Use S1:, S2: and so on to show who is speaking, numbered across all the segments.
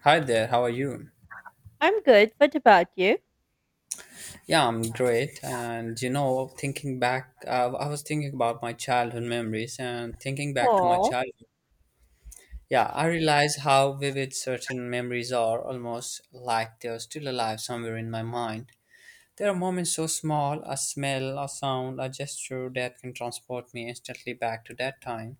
S1: Hi there, how are you?
S2: I'm good. What about you?
S1: Yeah, I'm great. And you know, thinking back, I was thinking about my childhood memories and thinking back to my
S2: Oh.
S1: childhood. Yeah, I realize how vivid certain memories are, almost like they're still alive somewhere in my mind. There are moments so small, a smell, a sound, a gesture that can transport me instantly back to that time.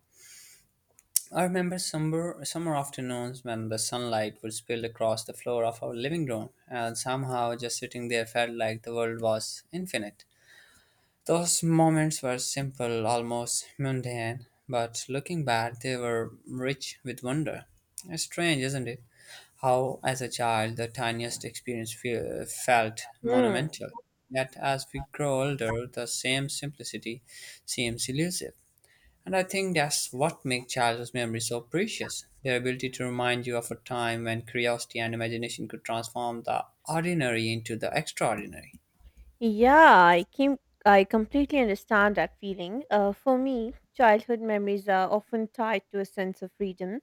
S1: I remember summer afternoons when the sunlight would spill across the floor of our living room, and somehow just sitting there felt like the world was infinite. Those moments were simple, almost mundane, but looking back, they were rich with wonder. It's strange, isn't it? How, as a child, the tiniest experience felt
S2: Hmm.
S1: monumental. Yet, as we grow older, the same simplicity seems elusive. And I think that's what makes childhood memories so precious, their ability to remind you of a time when curiosity and imagination could transform the ordinary into the extraordinary.
S2: Yeah, I completely understand that feeling. For me, childhood memories are often tied to a sense of freedom,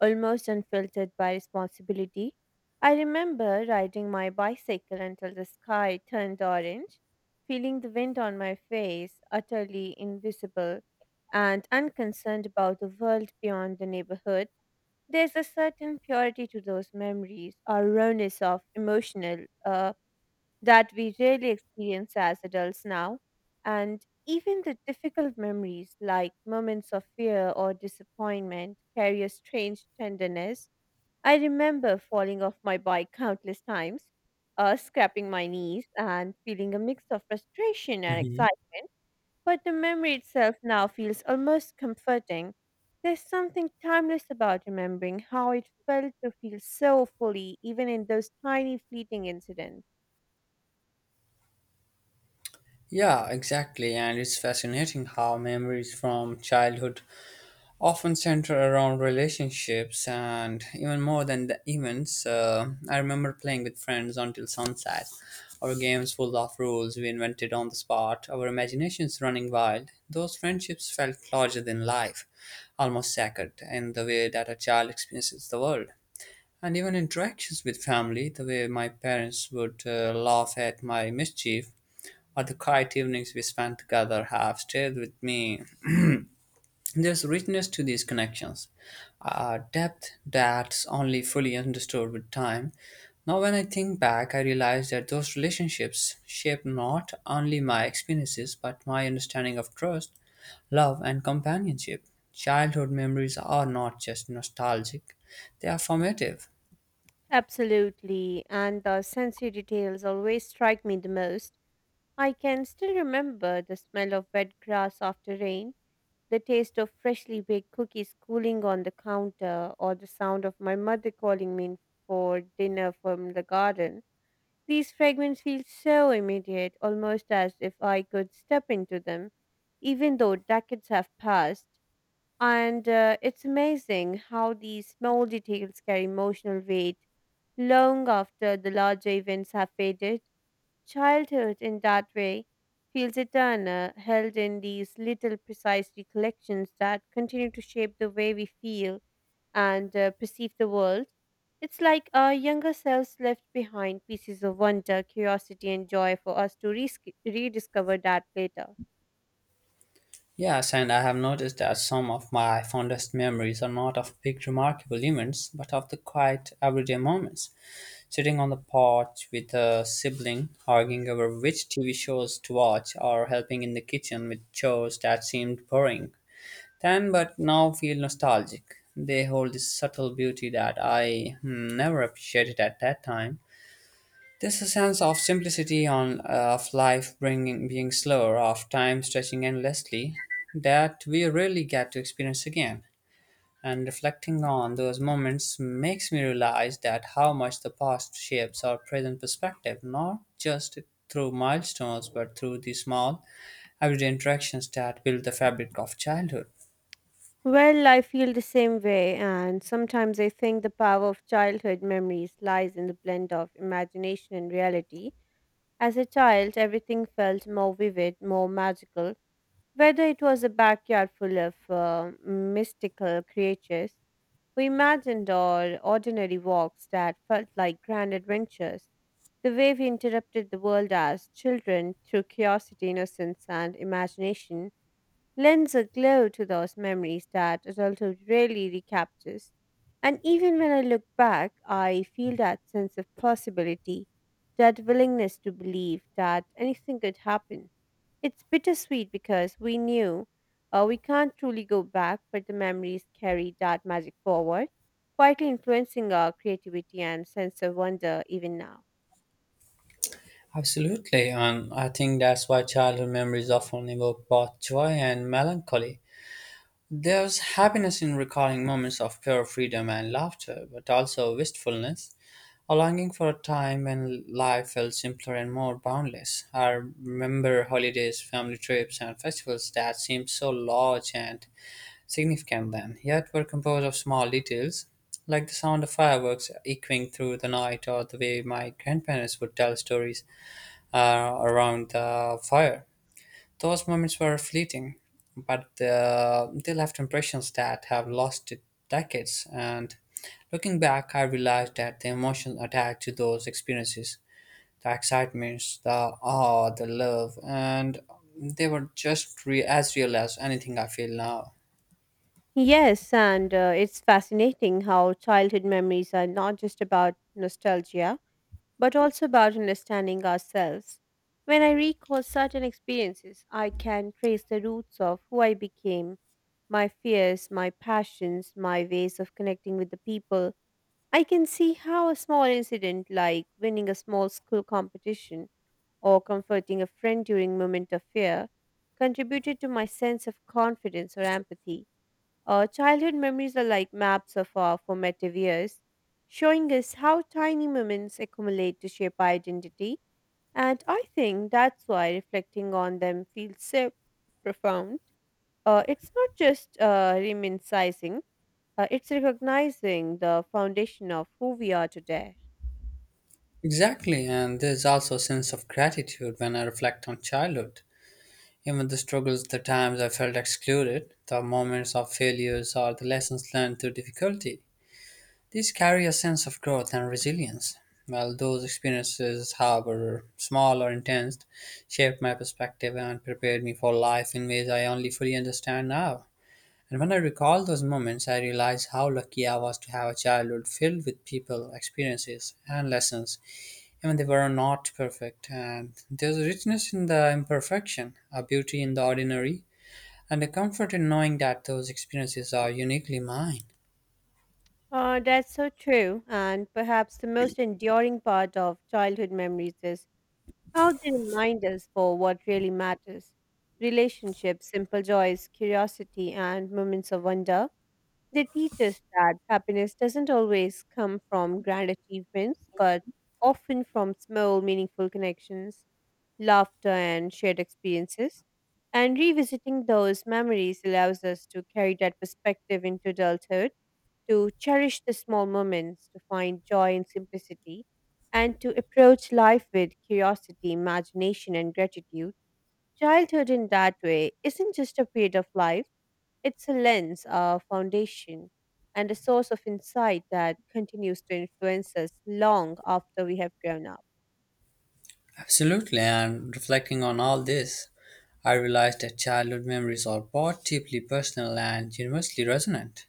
S2: almost unfiltered by responsibility. I remember riding my bicycle until the sky turned orange, feeling the wind on my face, utterly invisible and unconcerned about the world beyond the neighborhood. There's a certain purity to those memories, or rawness of emotional, that we rarely experience as adults now. And even the difficult memories, like moments of fear or disappointment, carry a strange tenderness. I remember falling off my bike countless times, scraping my knees, and feeling a mix of frustration and
S1: hmm
S2: excitement. But the memory itself now feels almost comforting. There's something timeless about remembering how it felt to feel so fully, even in those tiny fleeting incidents.
S1: Yeah, exactly. And it's fascinating how memories from childhood often center around relationships and even more than the events. I remember playing with friends until sunset, our games full of rules we invented on the spot, our imaginations running wild. Those friendships felt larger than life, almost sacred in the way that a child experiences the world. And even interactions with family, the way my parents would laugh at my mischief, or the quiet evenings we spent together have stayed with me. There's richness to these connections, a depth that's only fully understood with time. Now, when I think back, I realize that those relationships shaped not only my experiences but my understanding of trust, love, and companionship. Childhood memories are not just nostalgic, they are formative.
S2: Absolutely, and the sensory details always strike me the most. I can still remember the smell of wet grass after rain, the taste of freshly baked cookies cooling on the counter, or the sound of my mother calling me in for dinner from the garden. These fragments feel so immediate, almost as if I could step into them, even though decades have passed. And it's amazing how these small details carry emotional weight long after the larger events have faded. Childhood, in that way, feels eternal, held in these little precise recollections that continue to shape the way we feel and perceive the world. It's like our younger selves left behind pieces of wonder, curiosity, and joy for us to rediscover that later.
S1: Yes, and I have noticed that some of my fondest memories are not of big, remarkable events, but of the quiet, everyday moments. Sitting on the porch with a sibling, arguing over which TV shows to watch, or helping in the kitchen with chores that seemed boring then, but now feel nostalgic. They hold this subtle beauty that I, never appreciated at that time. There's a sense of simplicity on of life being slower, of time stretching endlessly, that we really get to experience again. And reflecting on those moments makes me realize that how much the past shapes our present perspective, not just through milestones, but through the small, everyday interactions that build the fabric of childhood.
S2: Well, I feel the same way, and sometimes I think the power of childhood memories lies in the blend of imagination and reality. As a child, everything felt more vivid, more magical, whether it was a backyard full of mystical creatures we imagined, or ordinary walks that felt like grand adventures, the way we interrupted the world as children through curiosity, innocence, and imagination lends a glow to those memories that adulthood rarely recaptures. And even when I look back, I feel that sense of possibility, that willingness to believe that anything could happen. It's bittersweet because we can't truly go back, but the memories carry that magic forward, quietly influencing our creativity and sense of wonder even now.
S1: Absolutely, and I think that's why childhood memories often evoke both joy and melancholy. There's happiness in recalling moments of pure freedom and laughter, but also wistfulness, a longing for a time when life felt simpler and more boundless. I remember holidays, family trips, and festivals that seemed so large and significant then, yet were composed of small details, like the sound of fireworks echoing through the night or the way my grandparents would tell stories around the fire. Those moments were fleeting, but they left impressions that have lasted decades. And looking back, I realized that the emotions attached to those experiences, the excitements, the awe, the love, and they were just as real as anything I feel now.
S2: Yes, and it's fascinating how childhood memories are not just about nostalgia but also about understanding ourselves. When I recall certain experiences, I can trace the roots of who I became, my fears, my passions, my ways of connecting with the people. I can see how a small incident like winning a small school competition or comforting a friend during a moment of fear contributed to my sense of confidence or empathy. Childhood memories are like maps of our formative years, showing us how tiny moments accumulate to shape our identity. And I think that's why reflecting on them feels so profound. It's not just reminiscing, it's recognizing the foundation of who we are today.
S1: Exactly, and there's also a sense of gratitude when I reflect on childhood. Even the struggles, the times I felt excluded, the moments of failures, or the lessons learned through difficulty. These carry a sense of growth and resilience, while those experiences, however small or intense, shaped my perspective and prepared me for life in ways I only fully understand now. And when I recall those moments, I realize how lucky I was to have a childhood filled with people, experiences, and lessons, even they were not perfect. And there's a richness in the imperfection, a beauty in the ordinary, and a comfort in knowing that those experiences are uniquely mine.
S2: That's so true. And perhaps the most enduring part of childhood memories is how they remind us for what really matters: relationships, simple joys, curiosity, and moments of wonder. They teach us that happiness doesn't always come from grand achievements, but often from small, meaningful connections, laughter, and shared experiences. And revisiting those memories allows us to carry that perspective into adulthood, to cherish the small moments, to find joy in simplicity, and to approach life with curiosity, imagination, and gratitude. Childhood, in that way, isn't just a period of life, it's a lens, a foundation, and a source of insight that continues to influence us long after we have grown up.
S1: Absolutely, and reflecting on all this, I realized that childhood memories are both deeply personal and universally resonant.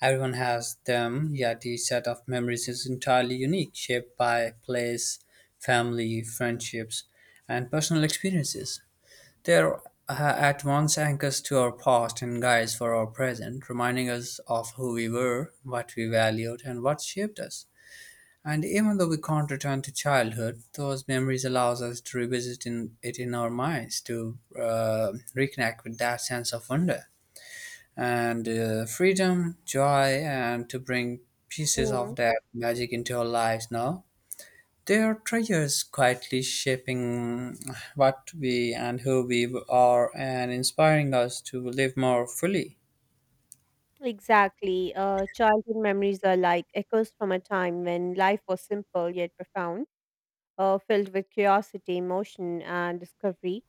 S1: Everyone has them, yet each set of memories is entirely unique, shaped by place, family, friendships, and personal experiences. They are, at once anchors to our past and guides for our present, reminding us of who we were, what we valued, and what shaped us. And even though we can't return to childhood, those memories allows us to it in our minds to reconnect with that sense of wonder and freedom, joy, and to bring pieces
S2: Mm,
S1: of that magic into our lives now. They are treasures quietly shaping what we and who we are and inspiring us to live more fully.
S2: exactly. Childhood memories are like echoes from a time when life was simple yet profound, filled with curiosity, emotion, and discovery.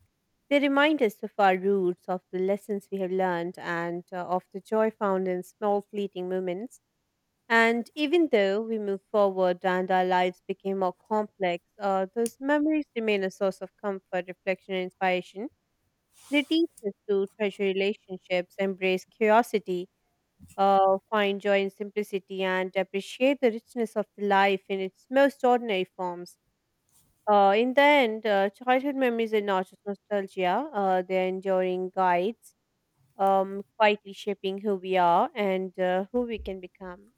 S2: They remind us of our roots, of the lessons we have learned, and of the joy found in small fleeting moments. And even though we moved forward and our lives became more complex, those memories remain a source of comfort, reflection, and inspiration. They teach us to treasure relationships, embrace curiosity, find joy in simplicity, and appreciate the richness of the life in its most ordinary forms. In the end, childhood memories are not just nostalgia, they're enduring guides, quietly shaping who we are and who we can become.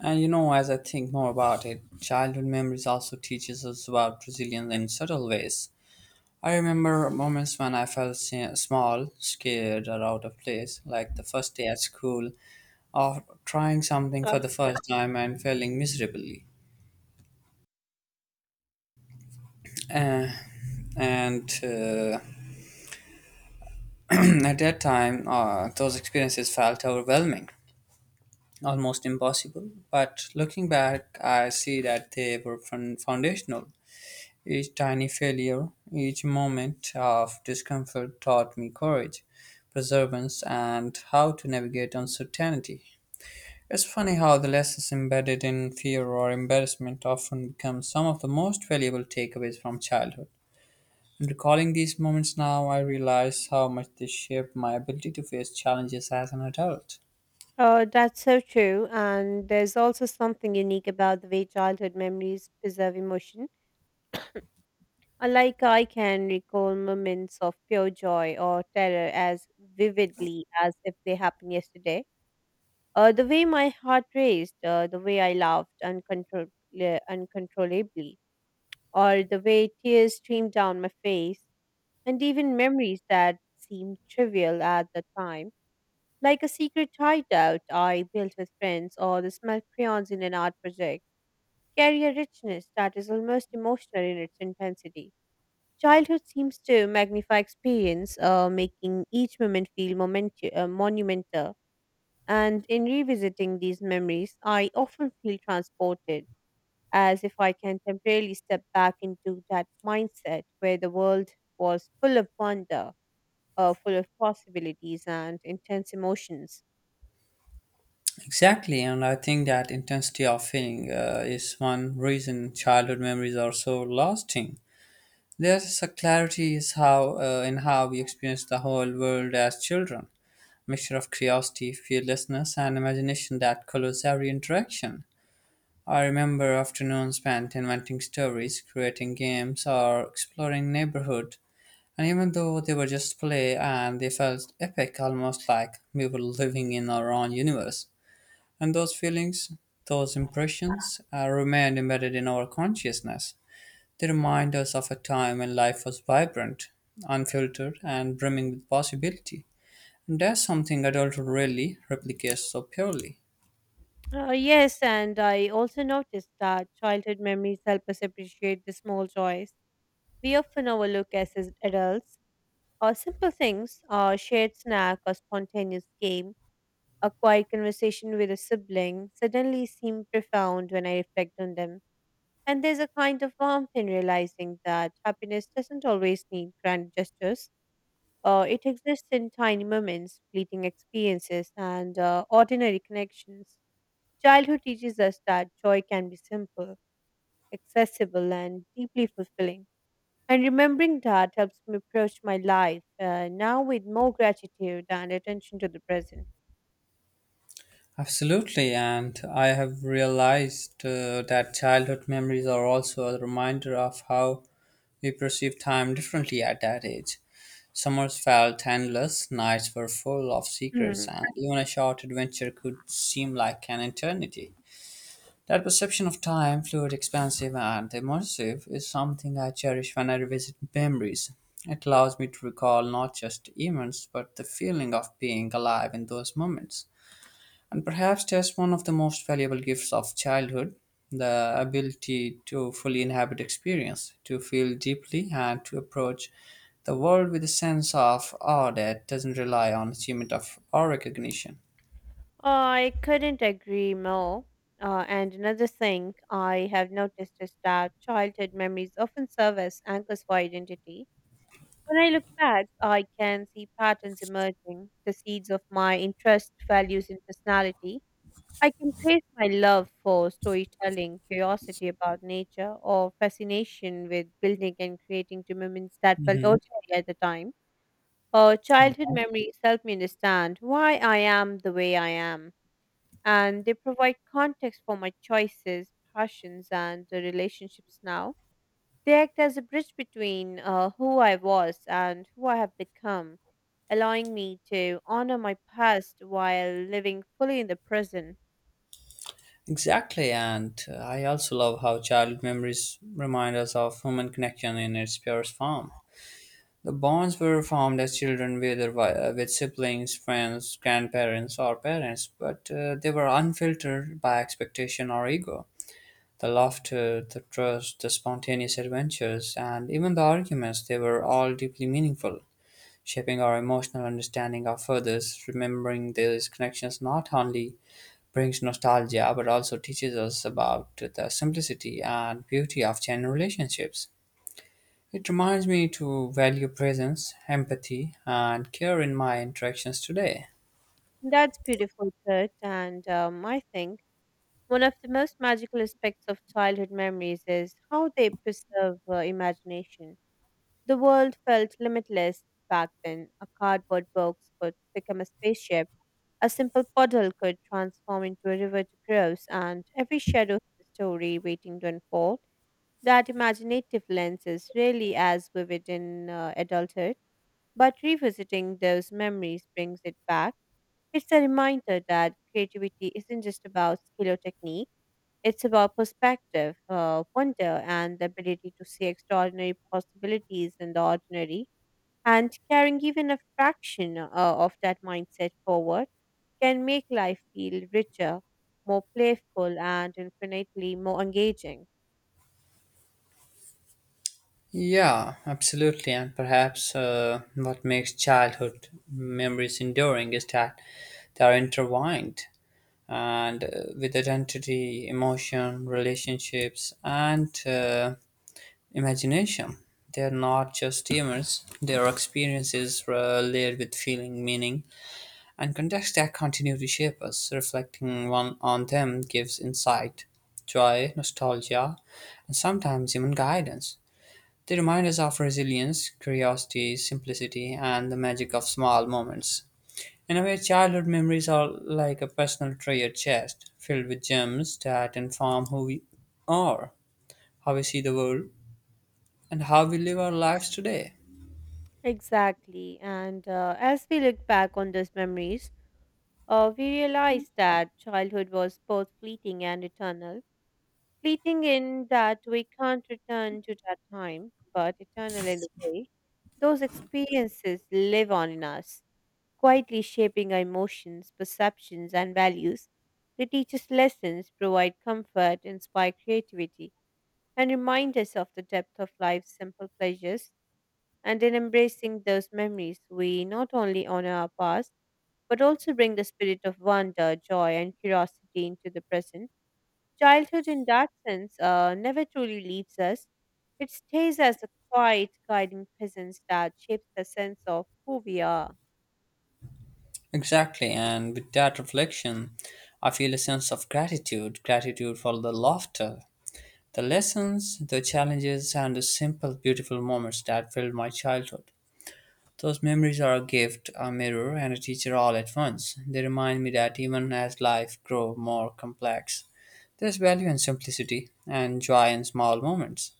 S1: And you know, as I think more about it, childhood memories also teaches us about resilience in subtle ways. I remember moments when I felt small, scared, or out of place, like the first day at school, or trying something for the first time and failing miserably. Uh, and at that time, those experiences felt overwhelming, almost impossible. But looking back, I see that they were foundational. Each tiny failure, each moment of discomfort taught me courage, perseverance, and how to navigate uncertainty. It's funny how the lessons embedded in fear or embarrassment often become some of the most valuable takeaways from childhood. In recalling these moments now, I realize how much they shaped my ability to face challenges as an adult.
S2: Oh, that's so true. And there's also something unique about the way childhood memories preserve emotion. Unlike I can recall moments of pure joy or terror as vividly as if they happened yesterday. The way my heart raced, the way I laughed uncontrollably, or the way tears streamed down my face, and even memories that seemed trivial at the time, like a secret hideout I built with friends, or the smell crayons in an art project, carry a richness that is almost emotional in its intensity. Childhood seems to magnify experience, making each moment feel monumental. And in revisiting these memories, I often feel transported, as if I can temporarily step back into that mindset where the world was full of wonder, full of possibilities, and intense emotions.
S1: Exactly, and I think that intensity of feeling is one reason childhood memories are so lasting. There's a clarity is how in how we experience the whole world as children, mixture of curiosity, fearlessness, and imagination that colors every interaction. I remember afternoons spent inventing stories, creating games, or exploring neighborhood. And even though they were just play, and they felt epic, almost like we were living in our own universe. And those feelings, those impressions, remained embedded in our consciousness. They remind us of a time when life was vibrant, unfiltered, and brimming with possibility. And that's something adulthood really replicates so purely.
S2: Yes, and I also noticed that childhood memories help us appreciate the small joys we often overlook as adults. Or simple things, a shared snack, a spontaneous game, a quiet conversation with a sibling suddenly seem profound when I reflect on them. And there's a kind of warmth in realizing that happiness doesn't always need grand gestures. It exists in tiny moments, fleeting experiences, and ordinary connections. Childhood teaches us that joy can be simple, accessible, and deeply fulfilling. And remembering that helps me approach my life now with more gratitude and attention to the present.
S1: Absolutely, and I have realized that childhood memories are also a reminder of how we perceive time differently at that age. Summers felt endless, nights were full of secrets,
S2: Hmm.
S1: and even a short adventure could seem like an eternity. That perception of time, fluid, expansive, and immersive, is something I cherish when I revisit memories. It allows me to recall not just events, but the feeling of being alive in those moments. And perhaps that's one of the most valuable gifts of childhood, the ability to fully inhabit experience, to feel deeply, and to approach the world with a sense of awe that doesn't rely on achievement of or recognition.
S2: I couldn't agree more. And another thing I have noticed is that childhood memories often serve as anchors for identity. When I look back, I can see patterns emerging, the seeds of my interests, values, and personality. I can trace my love for storytelling, curiosity about nature, or fascination with building and creating to moments that felt
S1: hmm
S2: ordinary at the time. Childhood memories help me understand why I am the way I am, and they provide context for my choices, passions, and the relationships now. They act as a bridge between who I was and who I have become, allowing me to honor my past while living fully in the present.
S1: Exactly, and I also love how childhood memories remind us of human connection in its purest form. The bonds were formed as children, whether with siblings, friends, grandparents, or parents, but they were unfiltered by expectation or ego. The laughter, the trust, the spontaneous adventures, and even the arguments, they were all deeply meaningful, shaping our emotional understanding of others. Remembering these connections not only brings nostalgia but also teaches us about the simplicity and beauty of genuine relationships. It reminds me to value presence, empathy, and care in my interactions today.
S2: That's beautiful, Kurt. And I think one of the most magical aspects of childhood memories is how they preserve imagination. The world felt limitless back then. A cardboard box could become a spaceship, a simple puddle could transform into a river to cross, and every shadow had a story waiting to unfold. That imaginative lens is rarely as vivid in adulthood, but revisiting those memories brings it back. It's a reminder that creativity isn't just about skill or technique, it's about perspective, wonder, and the ability to see extraordinary possibilities in the ordinary. And carrying even a fraction of that mindset forward can make life feel richer, more playful, and infinitely more engaging.
S1: Yeah, absolutely. And perhaps what makes childhood memories enduring is that they are intertwined and with identity, emotion, relationships, and imagination. They are not just humors, they are experiences layered with feeling, meaning, and contexts that continue to shape us. Reflecting one on them gives insight, joy, nostalgia, and sometimes even guidance. They remind us of resilience, curiosity, simplicity, and the magic of small moments. In a way, childhood memories are like a personal treasure chest filled with gems that inform who we are, how we see the world, and how we live our lives today.
S2: Exactly. And as we look back on those memories, we realize that childhood was both fleeting and eternal, fleeting in that we can't return to that time, but eternal in a way. Those experiences live on in us, quietly shaping our emotions, perceptions, and values. They teach us lessons, provide comfort, inspire creativity, and remind us of the depth of life's simple pleasures. And in embracing those memories, we not only honor our past, but also bring the spirit of wonder, joy, and curiosity into the present. Childhood, in that sense, never truly leaves us. It stays as a quiet, guiding presence that shapes the sense of who we are.
S1: Exactly, and with that reflection, I feel a sense of gratitude for the laughter, the lessons, the challenges, and the simple, beautiful moments that filled my childhood. Those memories are a gift, a mirror, and a teacher all at once. They remind me that even as life grows more complex, there's value in simplicity and joy in small moments.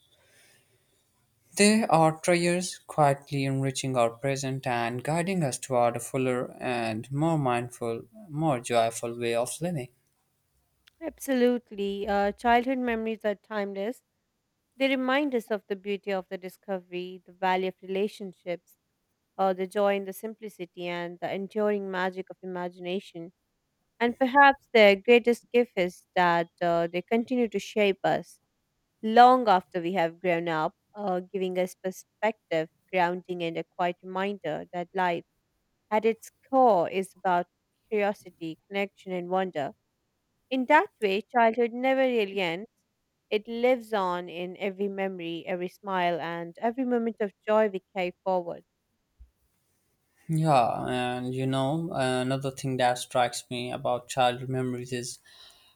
S1: They are prayers quietly enriching our present and guiding us toward a fuller and more mindful, more joyful way of living.
S2: Absolutely. Childhood memories are timeless. They remind us of the beauty of the discovery, the value of relationships, the joy in the simplicity, and the enduring magic of imagination. And perhaps their greatest gift is that they continue to shape us long after we have grown up, giving us perspective, grounding, and a quiet reminder that life at its core is about curiosity, connection, and wonder. In that way, childhood never really ends. It lives on in every memory, every smile, and every moment of joy we carry forward.
S1: Yeah, and you know, another thing that strikes me about childhood memories is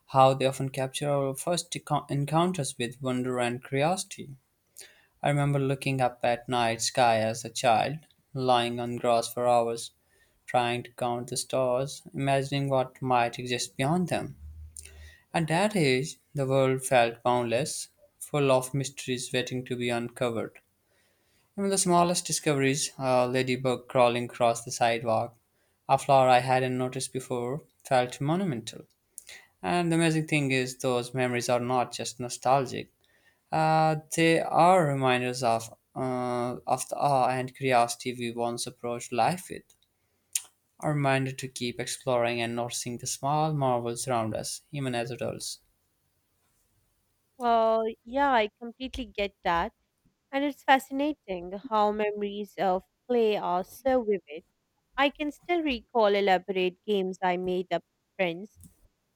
S1: how they often capture our first encounters with wonder and curiosity. I remember looking up at night sky as a child, lying on grass for hours, trying to count the stars, imagining what might exist beyond them. At that age, the world felt boundless, full of mysteries waiting to be uncovered. Even the smallest discoveries, a ladybug crawling across the sidewalk, a flower I hadn't noticed before, felt monumental. And the amazing thing is, those memories are not just nostalgic. They are reminders of of the awe and curiosity we once approached life with. A reminder to keep exploring and noticing the small marvels around us, even as adults.
S2: Well, yeah, I completely get that. And it's fascinating how memories of play are so vivid. I can still recall elaborate games I made up with friends,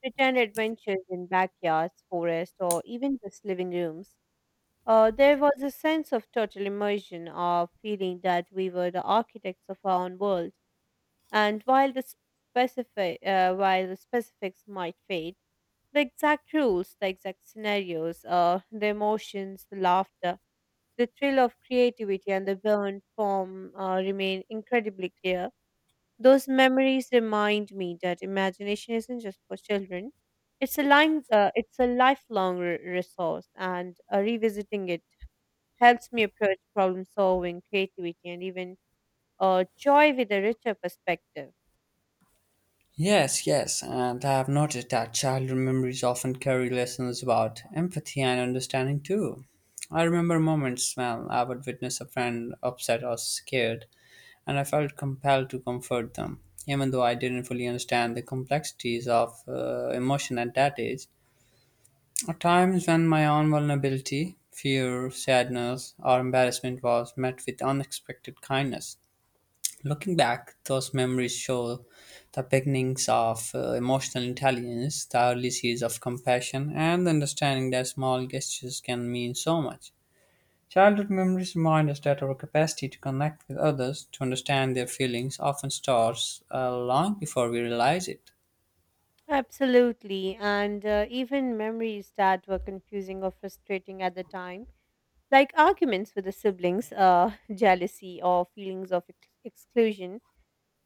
S2: pretend adventures in backyards, forests, or even just living rooms. There was a sense of total immersion, of feeling that we were the architects of our own world. And while the specifics might fade, the exact rules, the exact scenarios, the emotions, the laughter, the thrill of creativity, and the burn form remain incredibly clear. Those memories remind me that imagination isn't just for children. It's a lifelong resource, and revisiting it helps me approach problem solving, creativity, and even joy with a richer perspective.
S1: Yes, yes, and I have noticed that childhood memories often carry lessons about empathy and understanding too. I remember moments when I would witness a friend upset or scared, and I felt compelled to comfort them. Even though I didn't fully understand the complexities of emotion at that age, at times when my own vulnerability, fear, sadness, or embarrassment was met with unexpected kindness. Looking back, those memories show the beginnings of emotional intelligence, the early seeds of compassion, and the understanding that small gestures can mean so much. Childhood memories remind us that our capacity to connect with others, to understand their feelings, often starts long before we realize it.
S2: Absolutely, and even memories that were confusing or frustrating at the time, like arguments with the siblings, jealousy, or feelings of exclusion,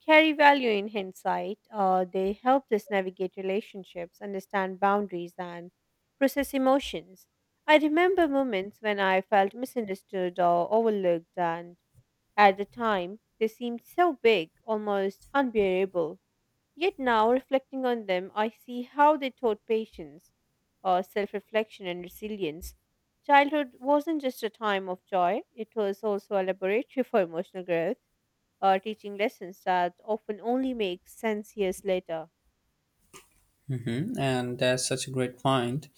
S2: carry value in hindsight. They helped us navigate relationships, understand boundaries, and process emotions. I remember moments when I felt misunderstood or overlooked, and at the time, they seemed so big, almost unbearable. Yet now, reflecting on them, I see how they taught patience, self reflection, and resilience. Childhood wasn't just a time of joy, it was also a laboratory for emotional growth teaching lessons that often only make sense years later.
S1: Hmm. And that's such a great point.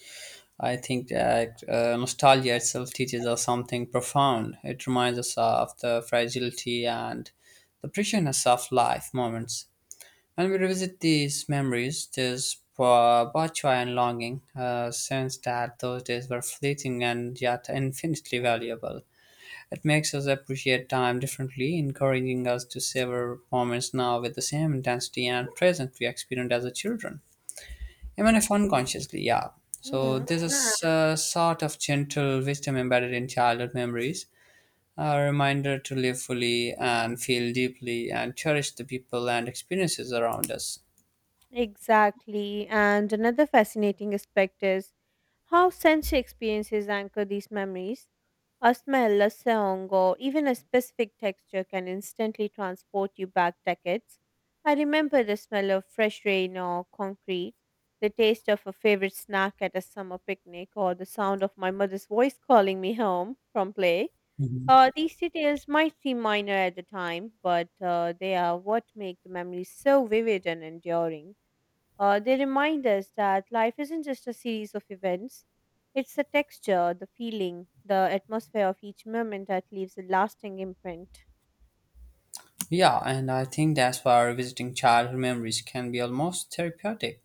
S1: I think that nostalgia itself teaches us something profound. It reminds us of the fragility and the preciousness of life moments. When we revisit these memories, there's both joy and longing, a sense that those days were fleeting and yet infinitely valuable. It makes us appreciate time differently, encouraging us to savor moments now with the same intensity and presence we experienced as a children, even if unconsciously. Yeah. So
S2: Hmm,
S1: there's a sort of gentle wisdom embedded in childhood memories, a reminder to live fully and feel deeply and cherish the people and experiences around us.
S2: exactly. And another fascinating aspect is how sensory experiences anchor these memories. A smell, a song, or even a specific texture can instantly transport you back decades. I remember the smell of fresh rain or concrete, the taste of a favorite snack at a summer picnic, or the sound of my mother's voice calling me home from play.
S1: Mhm.
S2: These details might seem minor at the time, but they are what make the memories so vivid and enduring. They remind us that life isn't just a series of events, it's the texture, the feeling, the atmosphere of each moment that leaves a lasting imprint.
S1: Yeah, and I think that's why revisiting childhood memories can be almost therapeutic.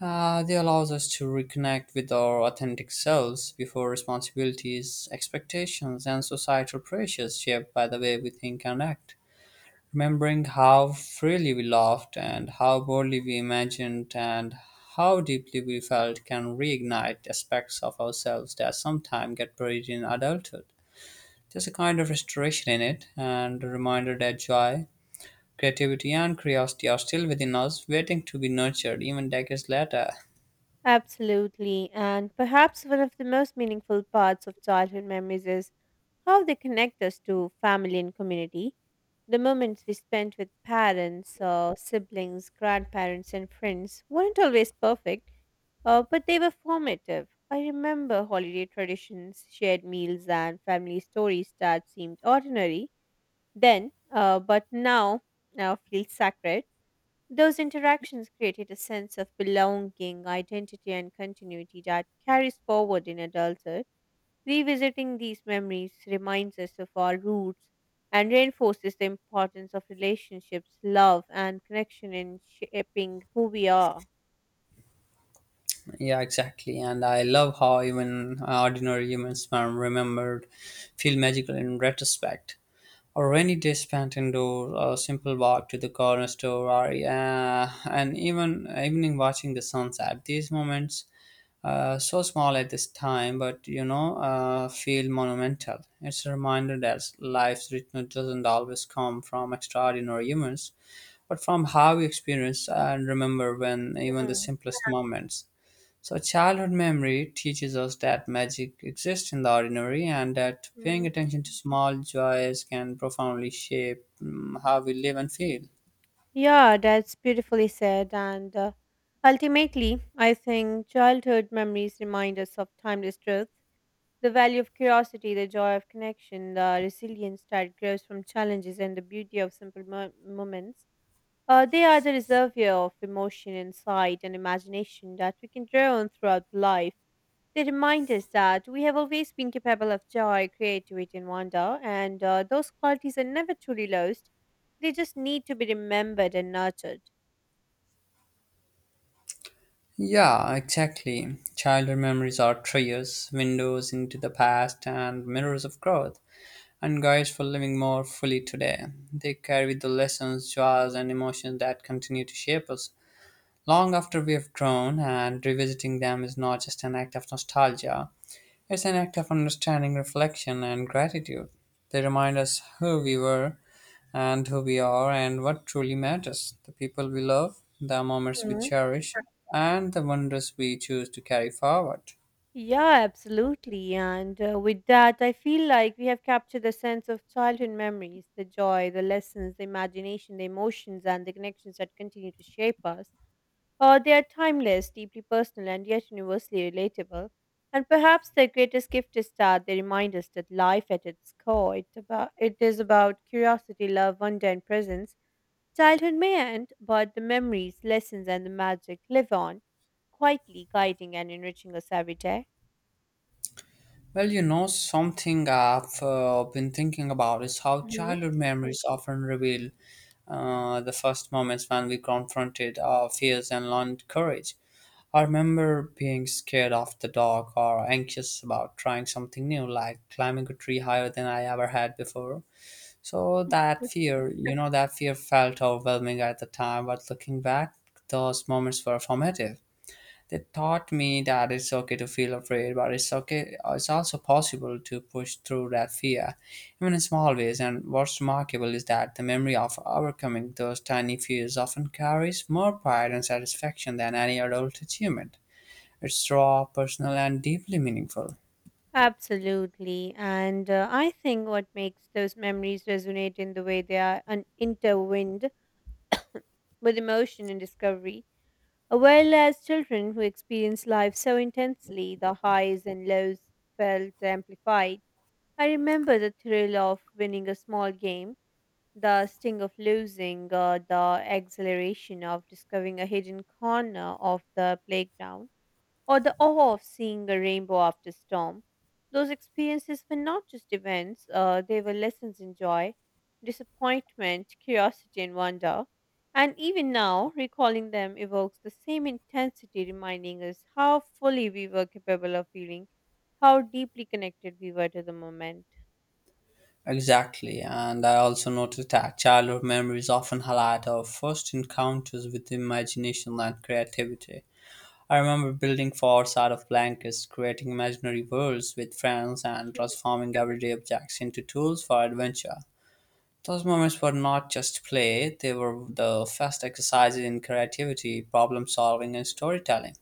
S1: They allows us to reconnect with our authentic selves before responsibilities, expectations, and societal pressures shaped by the way we think and act. Remembering how freely we laughed and how boldly we imagined and how deeply we felt can reignite aspects of ourselves that sometimes get buried in adulthood. There's a kind of restoration in it and a reminder that joy, creativity, and curiosity are still within us, waiting to be nurtured even decades later.
S2: Absolutely, and perhaps one of the most meaningful parts of childhood memories is how they connect us to family and community. The moments we spent with parents, siblings, grandparents, and friends weren't always perfect, but they were formative. I remember holiday traditions, shared meals, and family stories that seemed ordinary then, but now feel sacred. Those interactions created a sense of belonging, identity, and continuity that carries forward in adulthood. Revisiting these memories reminds us of our roots and reinforces the importance of relationships, love, and connection in shaping who we are.
S1: Yeah, exactly. And I love how even ordinary humans are remembered feel magical in retrospect. A rainy day spent indoors, a simple walk to the corner store, or and even evening watching the sunset. These moments, so small at this time, but feel monumental. It's a reminder that life's richness doesn't always come from extraordinary humans, but from how we experience and remember when even the simplest moments. So, childhood memory teaches us that magic exists in the ordinary and that paying
S2: Hmm.
S1: attention to small joys can profoundly shape how we live and feel.
S2: Yeah, that's beautifully said. And ultimately, I think childhood memories remind us of timeless truth, the value of curiosity, the joy of connection, the resilience that grows from challenges, and the beauty of simple moments. They are the reservoir of emotion, insight, and imagination that we can draw on throughout life. They remind us that we have always been capable of joy, creativity, and wonder, and those qualities are never truly lost. They just need to be remembered and nurtured.
S1: Yeah, exactly. Childhood memories are treasures, windows into the past, and mirrors of growth, and guides for living more fully today. They carry the lessons, joys, and emotions that continue to shape us long after we have grown, and revisiting them is not just an act of nostalgia. It's an act of understanding, reflection, and gratitude. They remind us who we were and who we are and what truly matters the people we love, the moments we
S2: Mhm.
S1: cherish, and the wonders we choose to carry forward.
S2: Yeah, absolutely. And with that, I feel like we have captured the sense of childhood memories, the joy, the lessons, the imagination, the emotions, and the connections that continue to shape us. They are timeless, deeply personal, and yet universally relatable. And perhaps their greatest gift is that they remind us that life at its core it is about curiosity, love, wonder, and presence. Childhood may end, but the memories, lessons, and the magic live on, quietly guiding and enriching us every day.
S1: Well, you know, something I've been thinking about is how
S2: Mhm.
S1: childhood memories often reveal the first moments when we confronted our fears and learned courage. I remember being scared of the dark or anxious about trying something new, like climbing a tree higher than I ever had before. So that fear, you know, that fear felt overwhelming at the time, but looking back, those moments were formative. They taught me that it's okay to feel afraid, but it's okay. It's also possible to push through that fear, even in small ways. And what's remarkable is that the memory of overcoming those tiny fears often carries more pride and satisfaction than any adult achievement. It's raw, personal, and deeply meaningful.
S2: Absolutely. And I think what makes those memories resonate in the way they are intertwined with emotion and discovery. While as children who experience life so intensely, the highs and lows felt amplified. I remember the thrill of winning a small game, the sting of losing, the exhilaration of discovering a hidden corner of the playground or the awe of seeing a rainbow after storm. Those experiences were not just events, they were lessons in joy, disappointment, curiosity, and wonder. And even now, recalling them evokes the same intensity, reminding us how fully we were capable of feeling, how deeply connected we were to the moment.
S1: Exactly, and I also noticed that childhood memories often highlight our first encounters with imagination and creativity. I remember building forts out of blankets, creating imaginary worlds with friends, and transforming everyday objects into tools for adventure. Those moments were not just play, they were the first exercises in creativity, problem solving, and storytelling.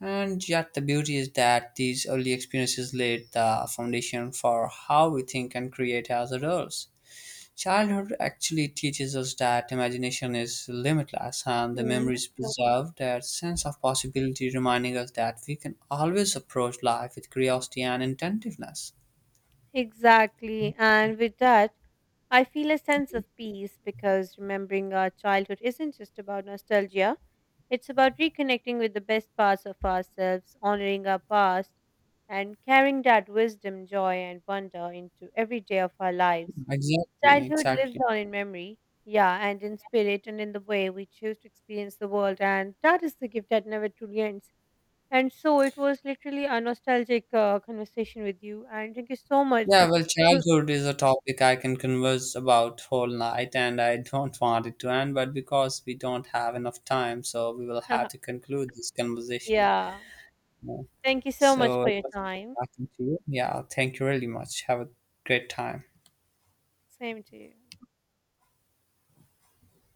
S1: And yet, the beauty is that these early experiences laid the foundation for how we think and create as adults. Childhood actually teaches us that imagination is limitless and the
S2: Hmm.
S1: memories preserve that sense of possibility, reminding us that we can always approach life with curiosity and intentiveness.
S2: Exactly. And with that, I feel a sense of peace because remembering our childhood isn't just about nostalgia, it's about reconnecting with the best parts of ourselves, honoring our past, and carrying that wisdom, joy, and wonder into every day of our lives.
S1: Exactly,
S2: Childhood lives
S1: exactly.
S2: on in memory, yeah, and in spirit, and in the way we choose to experience the world, and that is the gift that never truly ends. And so it was literally a nostalgic conversation with you, and thank you so much.
S1: Yeah, well, childhood is a topic I can converse about whole night, and I don't want it to end, but because we don't have enough time, so we will have to conclude this conversation.
S2: Yeah.
S1: Yeah.
S2: Thank you so much
S1: So
S2: for
S1: it
S2: your
S1: was great
S2: time.
S1: talking to you. Yeah, thank you really much. Have a great time.
S2: Same to you.